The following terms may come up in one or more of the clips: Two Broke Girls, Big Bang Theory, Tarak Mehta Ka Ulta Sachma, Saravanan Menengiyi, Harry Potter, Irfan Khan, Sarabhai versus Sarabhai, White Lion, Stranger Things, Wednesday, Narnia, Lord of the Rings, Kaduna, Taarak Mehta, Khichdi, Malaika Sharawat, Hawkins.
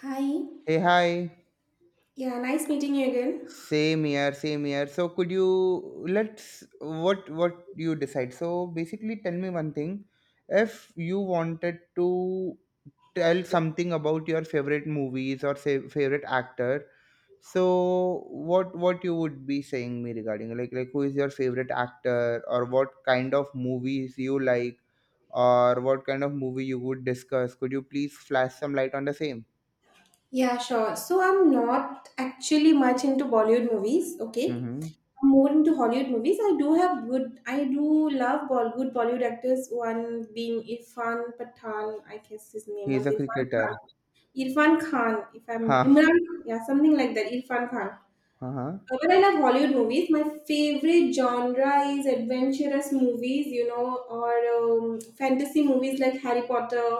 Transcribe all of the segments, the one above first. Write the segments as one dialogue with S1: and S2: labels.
S1: Hi.
S2: Hey, hi.
S1: Yeah, nice meeting you again.
S2: Same here, same here. So could you, let's what you decide? So basically, tell me one thing. If you wanted to tell something about your favorite movies or say favorite actor, so what you would be saying me regarding, like who is your favorite actor or what kind of movies you like or what kind of movie you would discuss? Could you please flash some light on the same?
S1: Yeah, sure. So I'm not actually much into Bollywood movies, okay?
S2: Mm-hmm.
S1: I'm more into Hollywood movies. I do love good Bollywood actors. One being Irfan Pathan, I guess his name
S2: He is
S1: was
S2: a
S1: Irfan Khan.
S2: cricketer.
S1: Irfan Khan, if I'm Imran, yeah, something like that. Irfan Khan.
S2: Uh-huh.
S1: But I love Hollywood movies. My favorite genre is adventurous movies, you know, or fantasy movies like Harry Potter,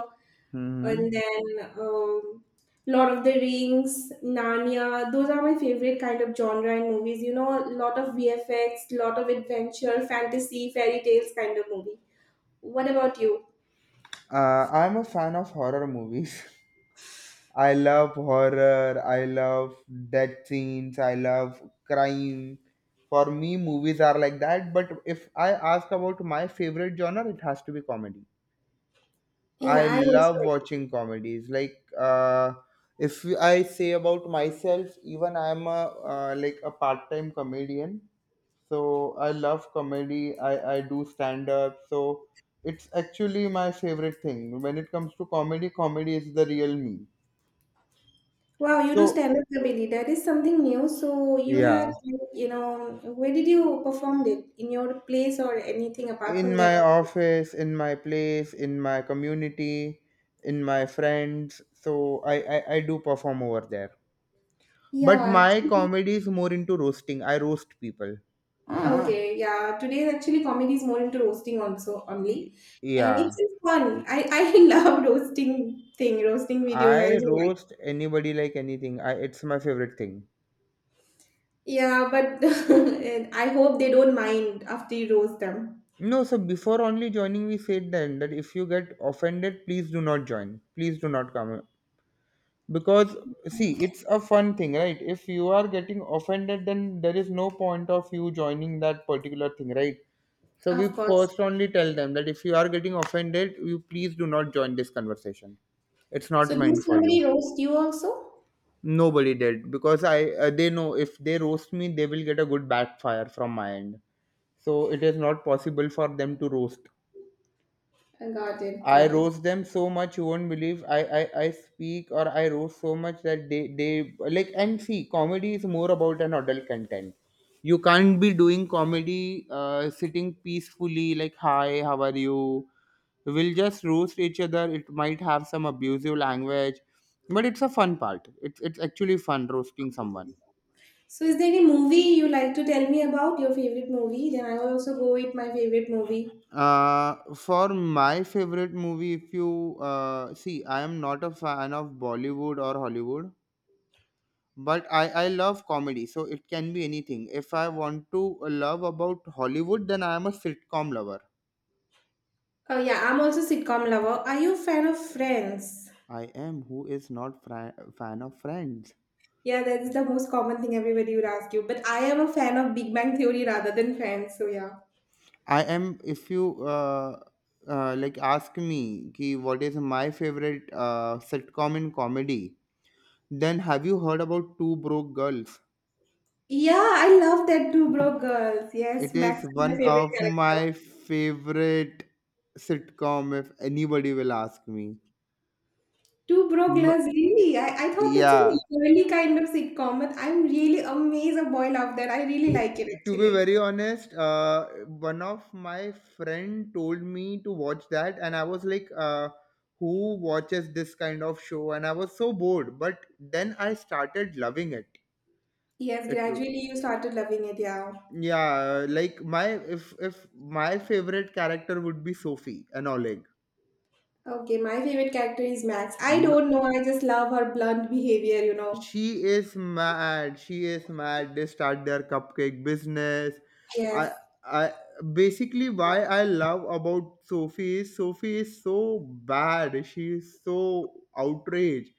S1: and
S2: Hmm.
S1: then Lord of the Rings, Narnia. Those are my favorite kind of genre in movies. You know, a lot of VFX, lot of adventure, fantasy, fairy tales kind of movie. What about you?
S2: I'm a fan of horror movies. I love horror. I love death scenes. I love crime. For me, movies are like that. But if I ask about my favorite genre, it has to be comedy. I
S1: Yeah, I also.
S2: love watching comedies. Like, uh, if I say about myself, even I'm a like a part-time comedian. So I love comedy. I do stand up, so it's actually my favorite thing when it comes to comedy. Comedy is the real me.
S1: Wow, you do
S2: So
S1: stand-up comedy. That is something new.
S2: yeah,
S1: You know, where did you perform it? In your place or anything apart
S2: in
S1: from that?
S2: my office, in my place, in my community, in my friends, so I do perform over there. But
S1: Yeah,
S2: my
S1: actually,
S2: comedy is more into roasting. I roast people.
S1: okay, yeah. Today actually comedy is more into roasting also
S2: Y-
S1: only, and it's
S2: yeah
S1: just fun. I love roasting thing, roasting videos. I
S2: I
S1: also like.
S2: roast anybody, like anything. It's my favorite thing.
S1: Yeah, but and I hope they don't mind after you roast them.
S2: No, so before only joining, we said then that if you get offended, please do not join. Please do not come. Because, see, it's a fun thing, right? If you are getting offended, then there is no point of you joining that particular thing, right? So we
S1: Of course.
S2: first only tell them that if you are getting offended, you please do not join this conversation. It's not
S1: So do
S2: meant for you.
S1: somebody roast you also?
S2: Nobody did because I they know if they roast me, they will get a good backfire from my end. So it is not possible for them to roast.
S1: I got it.
S2: I
S1: Got it.
S2: roast them so much you won't believe. I speak or I roast so much that they like. And see, comedy is more about an adult content. You can't be doing comedy sitting peacefully like, hi, how are you. We'll just roast each other. It might have some abusive language, but it's a fun part. It's actually fun roasting someone.
S1: So, is there any movie you like to tell me about your favorite movie? Then I'll also go with my favorite movie.
S2: For my favorite movie, if you see, I am not a fan of Bollywood or Hollywood. But I love comedy, so it can be anything. If I want to love about Hollywood, then I am a sitcom lover.
S1: Oh yeah, I'm also sitcom lover. Are you a fan of Friends?
S2: I am. Who is not fan of Friends?
S1: Yeah, that is the most common thing everybody would ask you. But I am a fan of Big Bang Theory rather than Friends. So yeah.
S2: I am. If you like ask me ki what is my favorite sitcom in comedy, then have you heard about Two Broke Girls?
S1: Yeah, I love that Two Broke Girls. Yes,
S2: It
S1: Max
S2: is
S1: is my
S2: one
S1: favorite
S2: of
S1: character.
S2: my favorite sitcom if anybody will ask me.
S1: Two Broke
S2: M-
S1: Girls, really? I thought that's a
S2: yeah
S1: girly kind of sitcom, but I'm really amazed a boy loved that. I really like it
S2: To be
S1: actually.
S2: very honest, one of my friend told me to watch that, and I was like, "Who watches this kind of show?" And I was so bored. But then I started loving it.
S1: Yes,
S2: It,
S1: gradually you started loving it, yeah.
S2: yeah, like my if my favorite character would be Sophie and Oleg.
S1: Okay, my favorite character is Max. I
S2: Hmm.
S1: don't know, I just love her blunt behavior, you know.
S2: She is mad. She is mad. They start their cupcake business.
S1: Yes,
S2: I, I basically, why I love about Sophie is so bad. She is so outraged.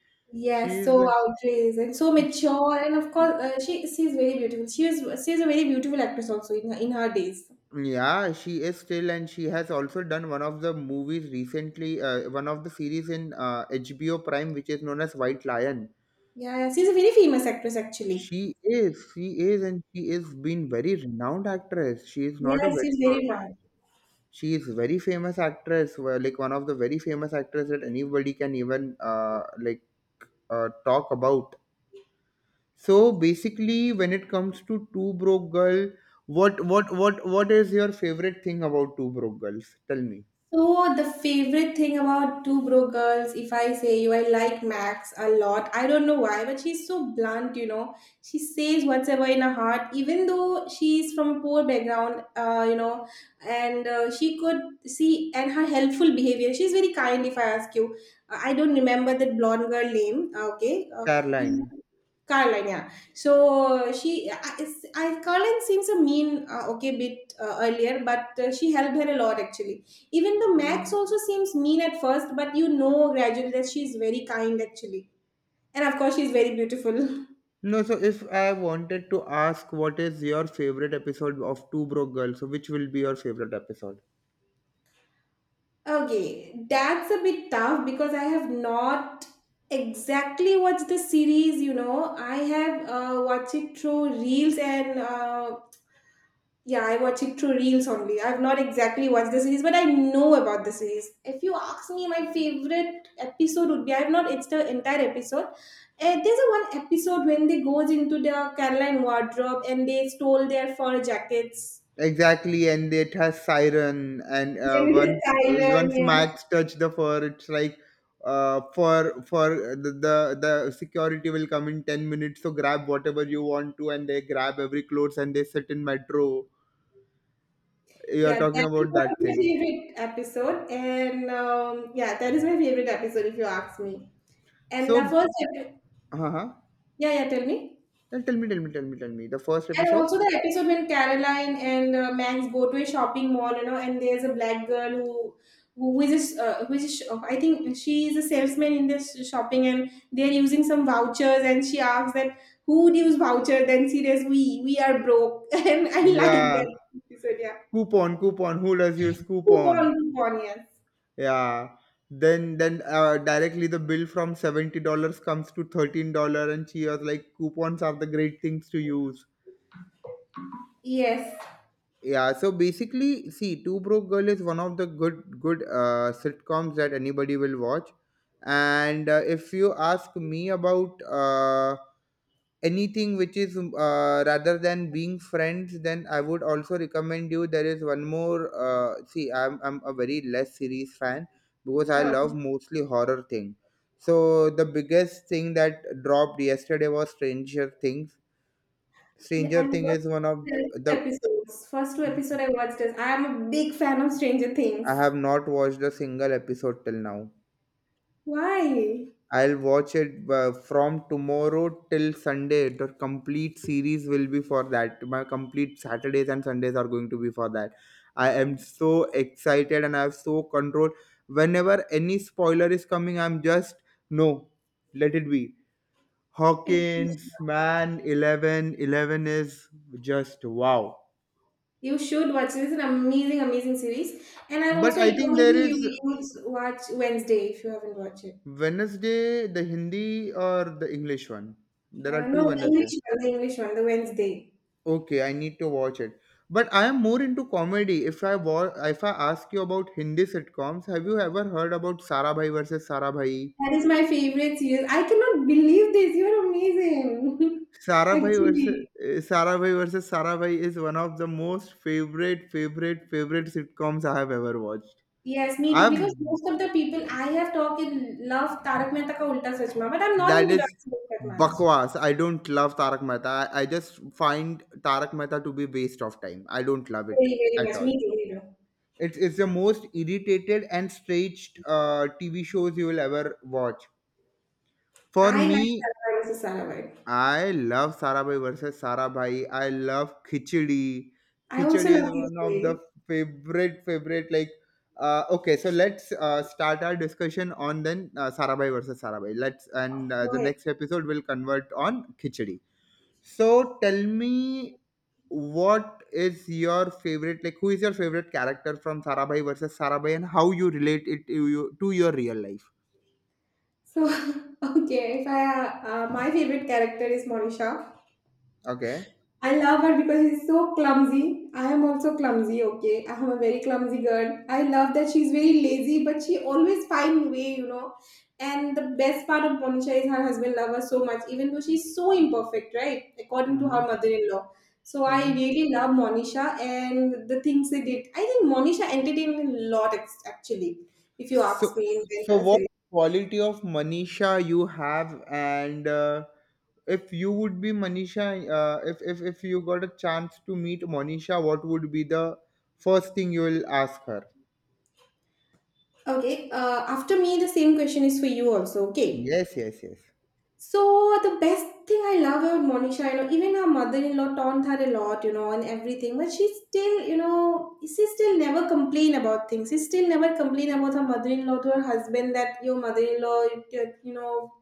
S2: She
S1: yes,
S2: is
S1: so
S2: like,
S1: outraged and so
S2: she,
S1: mature, and of course, she's very beautiful. She's a very beautiful actress also in in her days.
S2: yeah, she is still, and she has also done one of the movies recently. One of the series in HBO Prime, which is known as White Lion.
S1: Yeah, yeah, she's a very famous actress actually.
S2: She is, and she is been very renowned actress. She is not a
S1: Yes,
S2: very,
S1: she's very young.
S2: she is very famous actress, like one of the very famous actress that anybody can even like talk about. So basically, when it comes to Two Broke Girl, what is your favorite thing about Two Broke Girls? Tell me.
S1: So the favorite thing about Two Broke Girls, if I say you, I like Max a lot. I don't know why, but she's so blunt, you know. She says whatever in her heart, even though she's from a poor background, you know, and she could see and her helpful behavior. She's very kind, if I ask you. I don't remember that blonde girl name. Okay, do you
S2: Caroline.
S1: Caroline, yeah. I Caroline seems a mean, okay, bit earlier, but she helped her a lot actually. Even the Max also seems mean at first, but you know gradually that she's very kind actually, and of course she's very beautiful.
S2: No, so if I wanted to ask what is your favorite episode of Two Broke Girls, so which will be your favorite episode?
S1: Okay, that's a bit tough because I have not exactly watched the series, you know. I have watched it through reels and yeah, I watch it through reels only. I've not exactly watched the series, but I know about the series. If you ask me, my favorite episode would be I've not it's the entire episode. There's a one episode when they goes into the Caroline wardrobe and they stole their fur jackets.
S2: Exactly, and it has siren, and
S1: Then it
S2: once uh,
S1: is
S2: once
S1: silent,
S2: Max touch the fur, it's like for the security will come in 10 minutes. So grab whatever you want to, and they grab every clothes, and they sit in metro. You are
S1: yes. Yeah,
S2: talking
S1: that is
S2: about
S1: one of
S2: that
S1: my
S2: thing.
S1: favorite episode, and yeah, that is my favorite episode if you ask me. And the
S2: So,
S1: first,
S2: uh-huh.
S1: yeah, yeah, tell me.
S2: Tell me, tell me, tell me, tell me. The first
S1: And
S2: episode.
S1: also the episode when Caroline and Max go to a shopping mall, you know, and there's a black girl who is a, who is a, I think she is a salesman in this shopping, and they're using some vouchers, and she asks that who would use voucher? Then she says we are broke, and I like
S2: Yeah,
S1: that episode. Yeah,
S2: coupon, coupon. Who does use
S1: coupon
S2: coupon?
S1: coupon yes
S2: Yeah. Then directly the bill from $70 comes to $13, and she was like, coupons are the great things to use.
S1: yes
S2: Yeah, so basically, see, Two Broke Girl is one of the good good sitcoms that anybody will watch. And if you ask me about anything which is rather than being friends, then I would also recommend you. There is one more. See, I'm a very less series fan because I
S1: sure
S2: love mostly horror thing. So the biggest thing that dropped yesterday was Stranger Things.
S1: yeah.
S2: Stranger
S1: I
S2: Thing
S1: watched
S2: is one of
S1: the two
S2: the.
S1: episodes. First two episode I watched is I am a big fan of Stranger
S2: I
S1: Things.
S2: have not watched a single episode till now.
S1: Why?
S2: I'll watch it from tomorrow till Sunday. The complete series will be for that. My complete Saturdays and Sundays are going to be for that. I am so excited and I have so control. Whenever any spoiler is coming, I'm just no, let it be.
S1: It's
S2: Hawkins, man, 11 11 is just wow.
S1: you should watch it. It's an amazing, amazing series. And I
S2: But
S1: also
S2: I think
S1: recommend
S2: there
S1: you
S2: is
S1: you should watch Wednesday if you haven't watched it.
S2: Wednesday, the Hindi or the English one? There are
S1: No,
S2: two
S1: the English
S2: Wednesday.
S1: one, the English one, the Wednesday.
S2: Okay, I need to watch it. But I am more into comedy. If I ask you about Hindi sitcoms, have you ever heard about Sarabhai versus Sarabhai?
S1: That is my favorite series. I cannot believe this. You're amazing. Actually.
S2: Sarabhai versus Sarabhai is one of the most favorite, favorite, favorite sitcoms I have ever watched.
S1: Yes, me too.
S2: I've.
S1: Because most of the people I have talked with love Tarak Mehta Ka Ulta Sachma, but I'm not
S2: That
S1: into that
S2: is
S1: series that much.
S2: bakwas. I don't love Tarak Mehta. I just find Tarak Mehta to be waste of time. I don't love it
S1: Very, very
S2: at
S1: much.
S2: all.
S1: Me too, me too.
S2: It's the most irritated and stretched TV shows you will ever watch. For
S1: I like
S2: me,
S1: Saravanan Saravai.
S2: I love Sarabhai versus Sarabhai. I love Khichdi.
S1: I
S2: Khichdi
S1: also love
S2: is
S1: this
S2: one of the
S1: series.
S2: favorite favorite, like. Okay, so let's start our discussion on then Sarabhai versus Sarabhai. Let's. And
S1: Go
S2: the
S1: ahead.
S2: next episode will convert on Khichdi. So tell me, what is your favorite, like, who is your favorite character from Sarabhai versus Sarabhai, and how you relate it to you to your real life.
S1: So, okay, if I, my favorite character is Monisha.
S2: Okay.
S1: I love her because she's so clumsy. I am also clumsy, okay? I am a very clumsy girl. I love that she's very lazy, but she always find way, you know. And the best part of Monisha is her husband loves her so much, even though she's so imperfect, right? According to
S2: Hmm.
S1: her mother-in-law. So I
S2: Hmm.
S1: really love Monisha and the things they did. I think Monisha entertained me a lot, actually, if you ask
S2: So
S1: me in the
S2: so
S1: entire
S2: what
S1: series.
S2: quality of Manisha you have, and if you would be Manisha if you got a chance to meet Manisha, what would be the first thing you will ask her?
S1: Okay, after me, the same question is for you also. Okay.
S2: Yes, yes, yes.
S1: So the best thing I love about Monisha, you know, even her mother-in-law taunt her a lot, you know, and everything, but she still, you know, she still never complain about things. She still never complain about her mother-in-law to her husband that your mother-in-law, you know,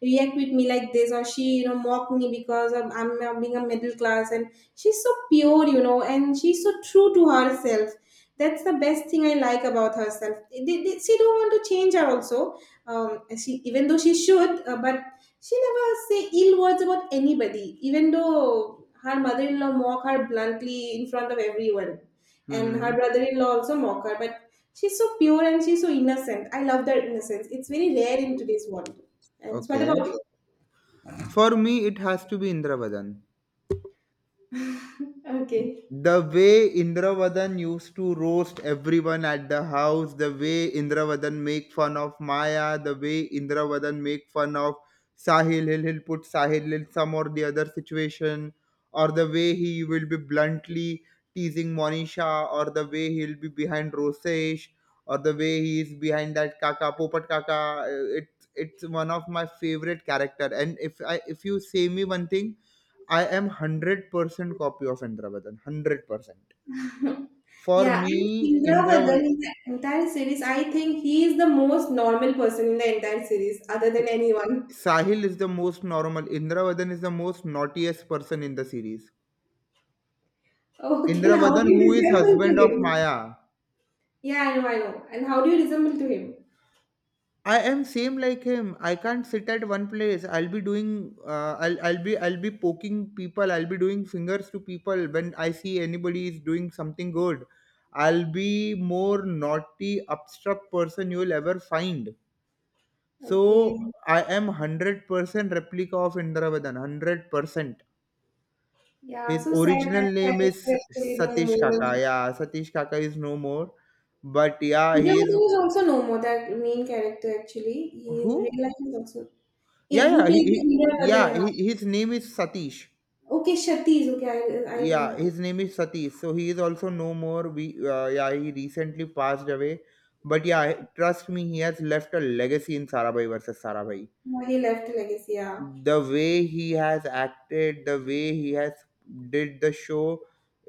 S1: react with me like this, or she, you know, mock me because I'm being a middle class, and she's so pure, you know, and she's so true to herself. That's the best thing I like about herself. She don't want to change her also. She even though she should, but she never say ill words about anybody, even though her mother-in-law mock her bluntly in front of everyone. And her
S2: Hmm.
S1: brother-in-law also mock her, but she's so pure and she's so innocent. I love that innocence. It's very rare in today's world. And what
S2: Okay.
S1: about you?
S2: For me, it has to be Indra Vadan.
S1: Okay.
S2: The way Indravadan used to roast everyone at the house, the way Indravadan make fun of Maya, the way Indravadan make fun of Sahil, he'll put Sahil in some or the other situation, or the way he will be bluntly teasing Monisha, or the way he'll be behind Rosesh, or the way he is behind that Kaka Popat Kaka. It's one of my favorite character, and if you say me one thing, I am 100% copy of Indravadan. 100%. For
S1: Yeah, and
S2: me,
S1: Indra
S2: Indravadan,
S1: Vadan in the entire series, I think he is the most normal person in the entire series, other than anyone.
S2: Sahil is the most normal. Indravadan is the most naughtiest person in the series.
S1: Okay, now how
S2: Indravadan,
S1: do you
S2: who is
S1: resemble
S2: husband
S1: to
S2: of
S1: him?
S2: Maya.
S1: Yeah, I know, I know. And how do you resemble to him?
S2: I am same like him. I can't sit at one place. I'll be doing. I'll be poking people. I'll be doing fingers to people when I see anybody is doing something good. I'll be more naughty, upstruck person you will ever find. So
S1: Okay.
S2: I am 100% replica of Indravadan. 100%.
S1: Yeah,
S2: His
S1: so sad that
S2: original name is
S1: character actually no
S2: Satish Kaka.
S1: more.
S2: Yeah, Satish Kaka is no more. But yeah, he is.
S1: Nilavatan is also no more, that main character actually. He in
S2: Who?
S1: real life is also. Eh,
S2: Yeah,
S1: who
S2: yeah,
S1: played
S2: he
S1: the Nilavatan?
S2: yeah,
S1: Yeah.
S2: his name is Satish.
S1: Okay, Shati is okay. I
S2: Yeah,
S1: remember.
S2: his name is Satish. So he is also no more. We yeah, he recently passed away. But yeah, trust me, he has left a legacy in Sarabhai versus Sarabhai.
S1: Yeah, he left a legacy, yeah.
S2: The way he has acted, the way he has did the show,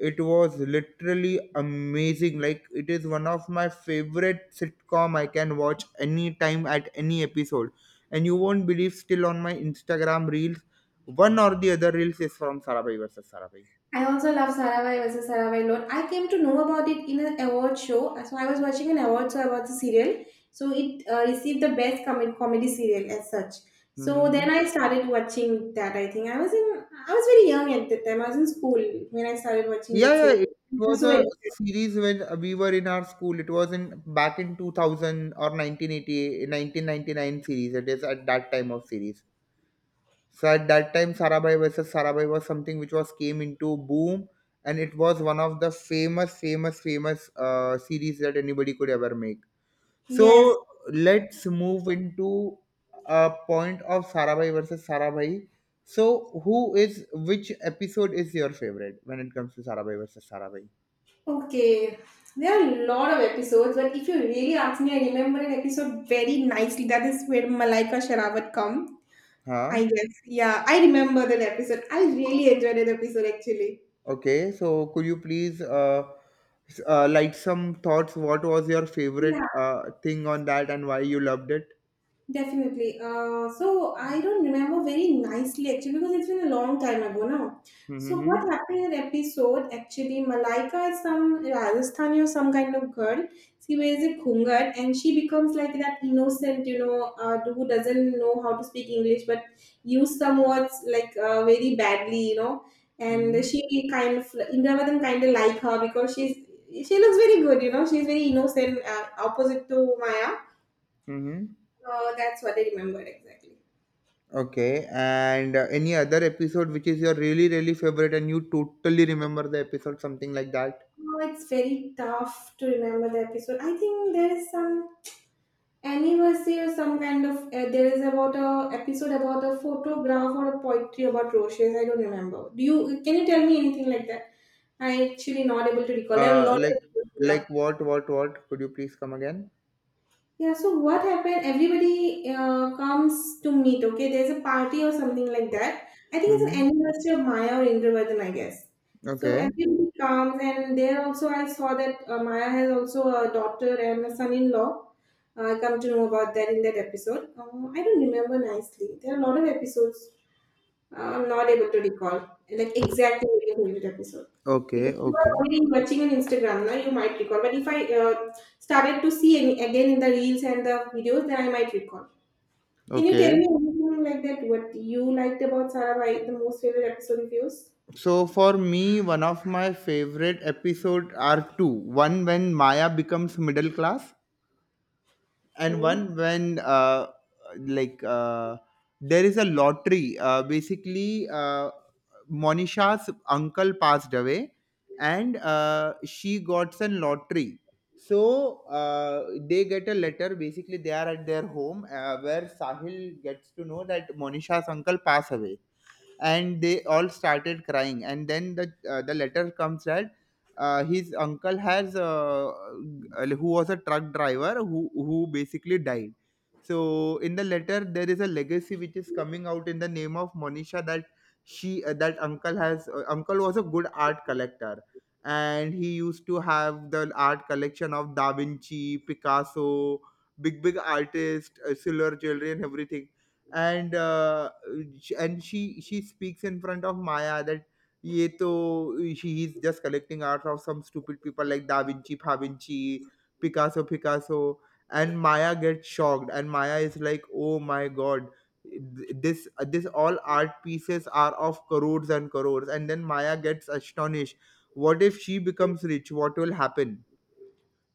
S2: it was literally amazing. Like, it is one of my favorite sitcom. I can watch anytime at any episode. And you won't believe, still on my Instagram reels, one or the other reels is from Sarabhai versus Sarabhai.
S1: I also love Saravai versus Saravai Lord. I came to know about it in an award show. So I was watching an award show about the serial. So it received the best comedy serial as such. So
S2: Mm-hmm.
S1: then I started watching that. I think I was in I was very young at that time. I was in school when I started watching
S2: Yeah,
S1: that
S2: yeah, it
S1: serial. I was
S2: was
S1: so
S2: a
S1: excited.
S2: series when we were in our school. It was in, back in 2000 or 1980, 1999 series. It is at that time of series. So at that time, Sarabhai versus Sarabhai was something which was came into boom, and it was one of the famous, famous, famous series that anybody could ever make.
S1: Yes.
S2: So let's move into a point of Sarabhai versus Sarabhai. So who is which episode is your favorite when it comes to Sarabhai versus Sarabhai?
S1: Okay. There are a lot of episodes, but if you really ask me, I remember an episode very nicely. That is where Malaika Sharawat come. I
S2: Huh?
S1: guess. Yeah, I remember that episode. I really enjoyed that episode actually.
S2: Okay. So could you please like some thoughts? What was your favorite
S1: Yeah.
S2: thing on that, and why you loved it?
S1: Definitely. So I don't remember very nicely actually because it's been a long time ago now. So
S2: Mm-hmm.
S1: what happened in an episode actually Malaika is some Rajasthani or some kind of girl. She wears a khungat and she becomes like that innocent, you know, who doesn't know how to speak English but use some words like very badly, you know.
S2: Mm-hmm.
S1: And she kind of Indravadan kind of like her because she looks very good, you know. She's very innocent, opposite to Maya.
S2: Mm-hmm.
S1: Oh, that's what I remember exactly.
S2: Okay. And any other episode which is your really really favorite and you totally remember the episode, something like that?
S1: Oh, it's very tough to remember the episode. I think there is some anniversary or some kind of. There is about a episode about a photograph or a poetry about roaches. I don't remember. Do you? Can you tell me anything like that? I actually not able to recall. There are a
S2: Uh,
S1: lot
S2: like like
S1: of.
S2: what what? Could you please come again?
S1: Yeah, so what happened? Everybody comes to meet, okay? There's a party or something like that. I think it's
S2: Mm-hmm.
S1: an anniversary of Maya or Indravardhan, I guess. So
S2: Okay.
S1: everybody comes, and there also I saw that Maya has also a daughter and a son in law. I come to know about that in that episode. I don't remember nicely. There are a lot of episodes. I'm not able to recall like exactly your favorite episode
S2: Okay.
S1: because you are
S2: Okay.
S1: only watching on Instagram now. You might recall, but if I started to see any, again in the reels and the videos, then I might recall. Can you tell
S2: Okay.
S1: me anything like that? What you liked about Sarabhai, the most favorite episode of yours?
S2: So for me, one of my favorite episode are two. One when Maya becomes middle class, and
S1: Okay.
S2: one when like uh, there is a lottery basically monisha's uncle passed away and she got some lottery. So they get a letter, basically they are at their home where sahil gets to know that monisha's uncle passed away, and they all started crying, and then the letter comes that his uncle has who was a truck driver who basically died. So in the letter there is a legacy which is coming out in the name of monisha, that she that uncle has uncle was a good art collector and he used to have the art collection of da vinci picasso, big big artists, silver jewelry and everything. And and she speaks in front of Maya that ye to she is just collecting art of some stupid people like Da Vinci, Pa Vinci, Picasso, Picasso, and Maya gets shocked, and Maya is like, oh my god, this all art pieces are of crores and crores, and then Maya gets astonished. What if she becomes rich? What will happen?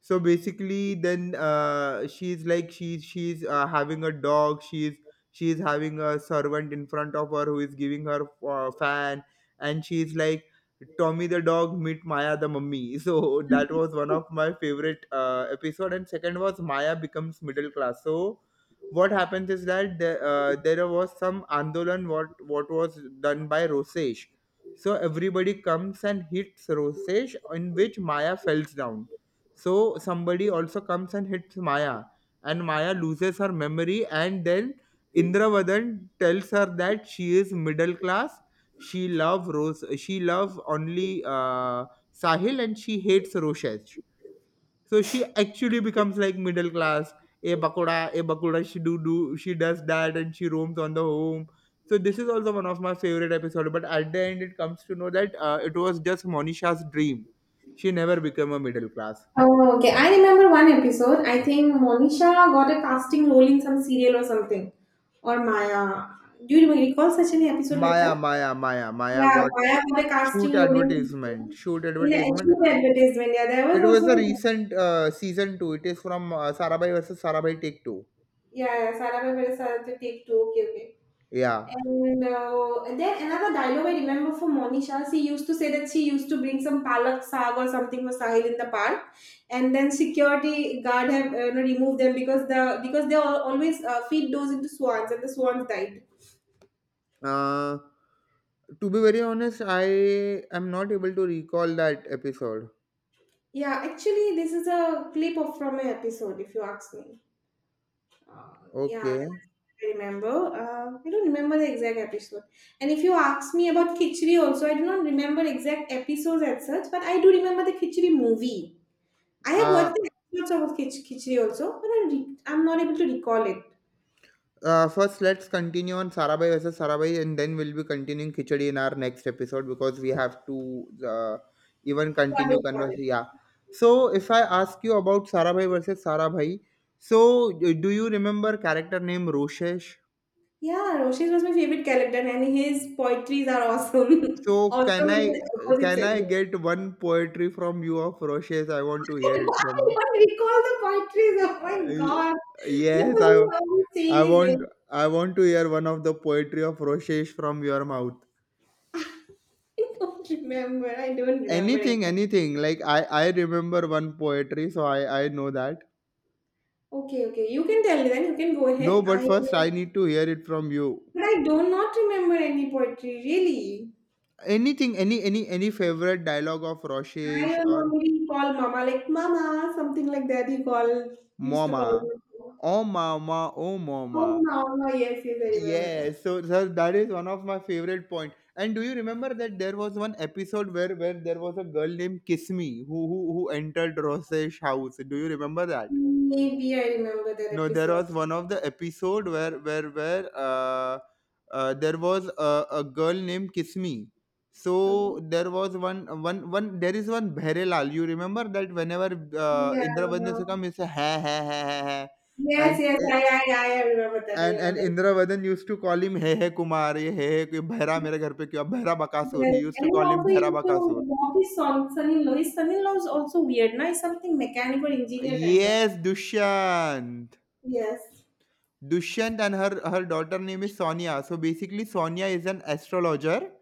S2: So basically then she's having a dog. She's having a servant in front of her who is giving her fan, and she's like tommy the dog meet maya the mummy so that was one of my favorite episode. And second was maya becomes middle class. So what happens is that there was some andolan what was done by rosesh. So everybody comes and hits rosesh, in which maya falls down. So somebody also comes and hits Maya, and Maya loses her memory, and then Indravadan tells her that she is middle class. She love Rose. She love only Sahil, and she hates Roshesh. So she actually becomes like middle class. A bakoda, a bakoda. She do do. She does that, and she roams on the home. So this is also one of my favorite episode. But at the end, it comes to know that it was just Monisha's dream. She never became a middle class.
S1: Oh, okay. I remember one episode. I think Monisha got a casting role in some serial or something, or Maya. Do you recall such an episode like
S2: Maya,
S1: that?
S2: Maya, Maya, Maya
S1: Yeah,
S2: got
S1: Maya for the
S2: shoot
S1: casting role
S2: advertisement. Shoot
S1: in the
S2: advertisement.
S1: actual advertisement. Yeah, there was
S2: It was
S1: also
S2: a
S1: a
S2: recent season two. It is from Sarabhai versus Sarabhai Take Two.
S1: yeah, yeah, Sara Perez had to take two. Okay, okay.
S2: Yeah.
S1: And then another dialogue I remember from Monisha. She used to say that she used to bring some palak saag or something for Sahil in the park, and then security guard have you know, removed them because they always feed those into swans, and the swans died.
S2: Uh, to be very honest, I am not able to recall that episode.
S1: Yeah, actually, this is a clip of from an episode. If you ask me. Uh, yeah, that's
S2: Okay.
S1: what I remember. I don't remember the exact episode. And if you ask me about Khichdi also, I do not remember exact episodes as such, but I do remember the Khichdi movie. I have
S2: Uh,
S1: watched the episodes of Khichdi also, but I I'm not able to recall it.
S2: First, let's continue on Sarabhai versus Sarabhai, and then we'll be continuing Khichdi in our next episode, because we have to even
S1: Got
S2: continue
S1: it, got
S2: converse.
S1: it.
S2: Yeah. So, if I ask you about Sarabhai versus Sarabhai, so do you remember character name Roshesh?
S1: Yeah, Roshis was my favorite character, and his poetries are awesome.
S2: So,
S1: awesome in the opposite
S2: can
S1: sense.
S2: I get one poetry from you of Roshesh? I want to hear
S1: I
S2: it from you.
S1: don't recall the poetries. Oh my
S2: Uh,
S1: god. But
S2: yes, I
S1: the whole
S2: I
S1: saying is very
S2: want I want to hear one of the poetry of Roshesh from your mouth.
S1: I don't remember. I don't remember
S2: Anything,
S1: exactly.
S2: anything, like I remember one poetry, so I know that,
S1: Okay, okay. You can tell then. You can go
S2: no,
S1: ahead.
S2: but
S1: I
S2: first I
S1: will.
S2: need to hear it from you.
S1: But I do not remember any poetry, really.
S2: Anything, any favorite dialogue of
S1: I
S2: roshesh,
S1: don't
S2: or
S1: know. Mama like Mama, something like that. He call used to
S2: mama,
S1: call me.
S2: oh mama, oh mama,
S1: Oh, Mama. Yes, yes, I remember that.
S2: yes. So sir, that is one of my favorite point. And do you remember that there was one episode where there was a girl named kismi who entered roshesh house? Do you remember that?
S1: Maybe I remember that
S2: No, there
S1: episode.
S2: was one of the episode where there was a girl named Kismi.
S1: Okay.
S2: So there was one, there is one Bherelal. You remember that? Whenever Indravadan used to
S1: Yeah.
S2: come, he used to ha ha ha ha ha,
S1: Yes,
S2: and
S1: I remember that. I
S2: and
S1: remember.
S2: Indravadan used to call him, Hey Hey Kumar, ये हे हे बहरा मेरे घर पे क्यों बहरा Bakasur.
S1: Well,
S2: He used to
S1: and I
S2: call him
S1: also
S2: बहरा
S1: used to
S2: Bakasur.
S1: watch his son, son-in-law. His son-in-law is also weird, now he's something mechanical engineer kind of.
S2: Yes, Dushyant.
S1: Yes.
S2: Dushyant, and her daughter name is Sonia. So basically, Sonia is an astrologer.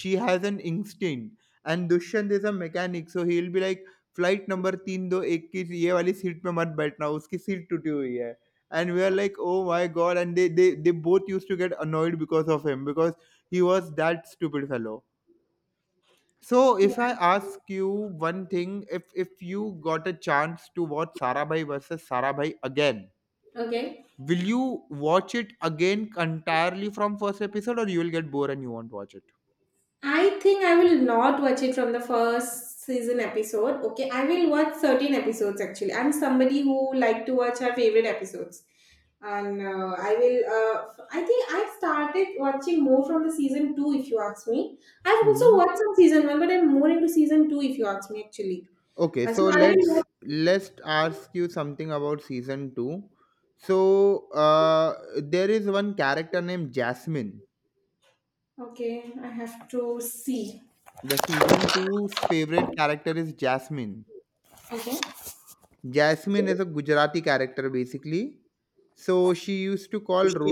S2: She has an instinct, and Dushyant is a mechanic. So he'll be like, flight number तीन दो एक की ये वाली seat पे मत बैठना उसकी सीट टूटी हुई है and we are like oh my god and they both use to get annoyed because of him because he was that stupid fellow so if
S1: Yeah.
S2: I ask you one thing if you got a chance to watch Sarabhai versus Sarabhai again.
S1: Okay.
S2: Will you watch it again entirely from first episode, or you will get bored and you won't watch it?
S1: I think I will not watch it from the first season episode. Okay, I will watch 13 episodes actually. I'm somebody who like to watch her favorite episodes, and I think I started watching more from the season two. If you ask me, I've also
S2: Mm-hmm.
S1: watched some season one, but I'm more into season two. If you ask me, actually.
S2: Okay,
S1: So
S2: so
S1: I will
S2: let's ask you something about season two. So there is one character named Jasmine.
S1: Okay, I have to see.
S2: The season two's favorite character is Jasmine.
S1: Okay.
S2: Jasmine is a Gujarati character basically. So she used to call
S1: Sushi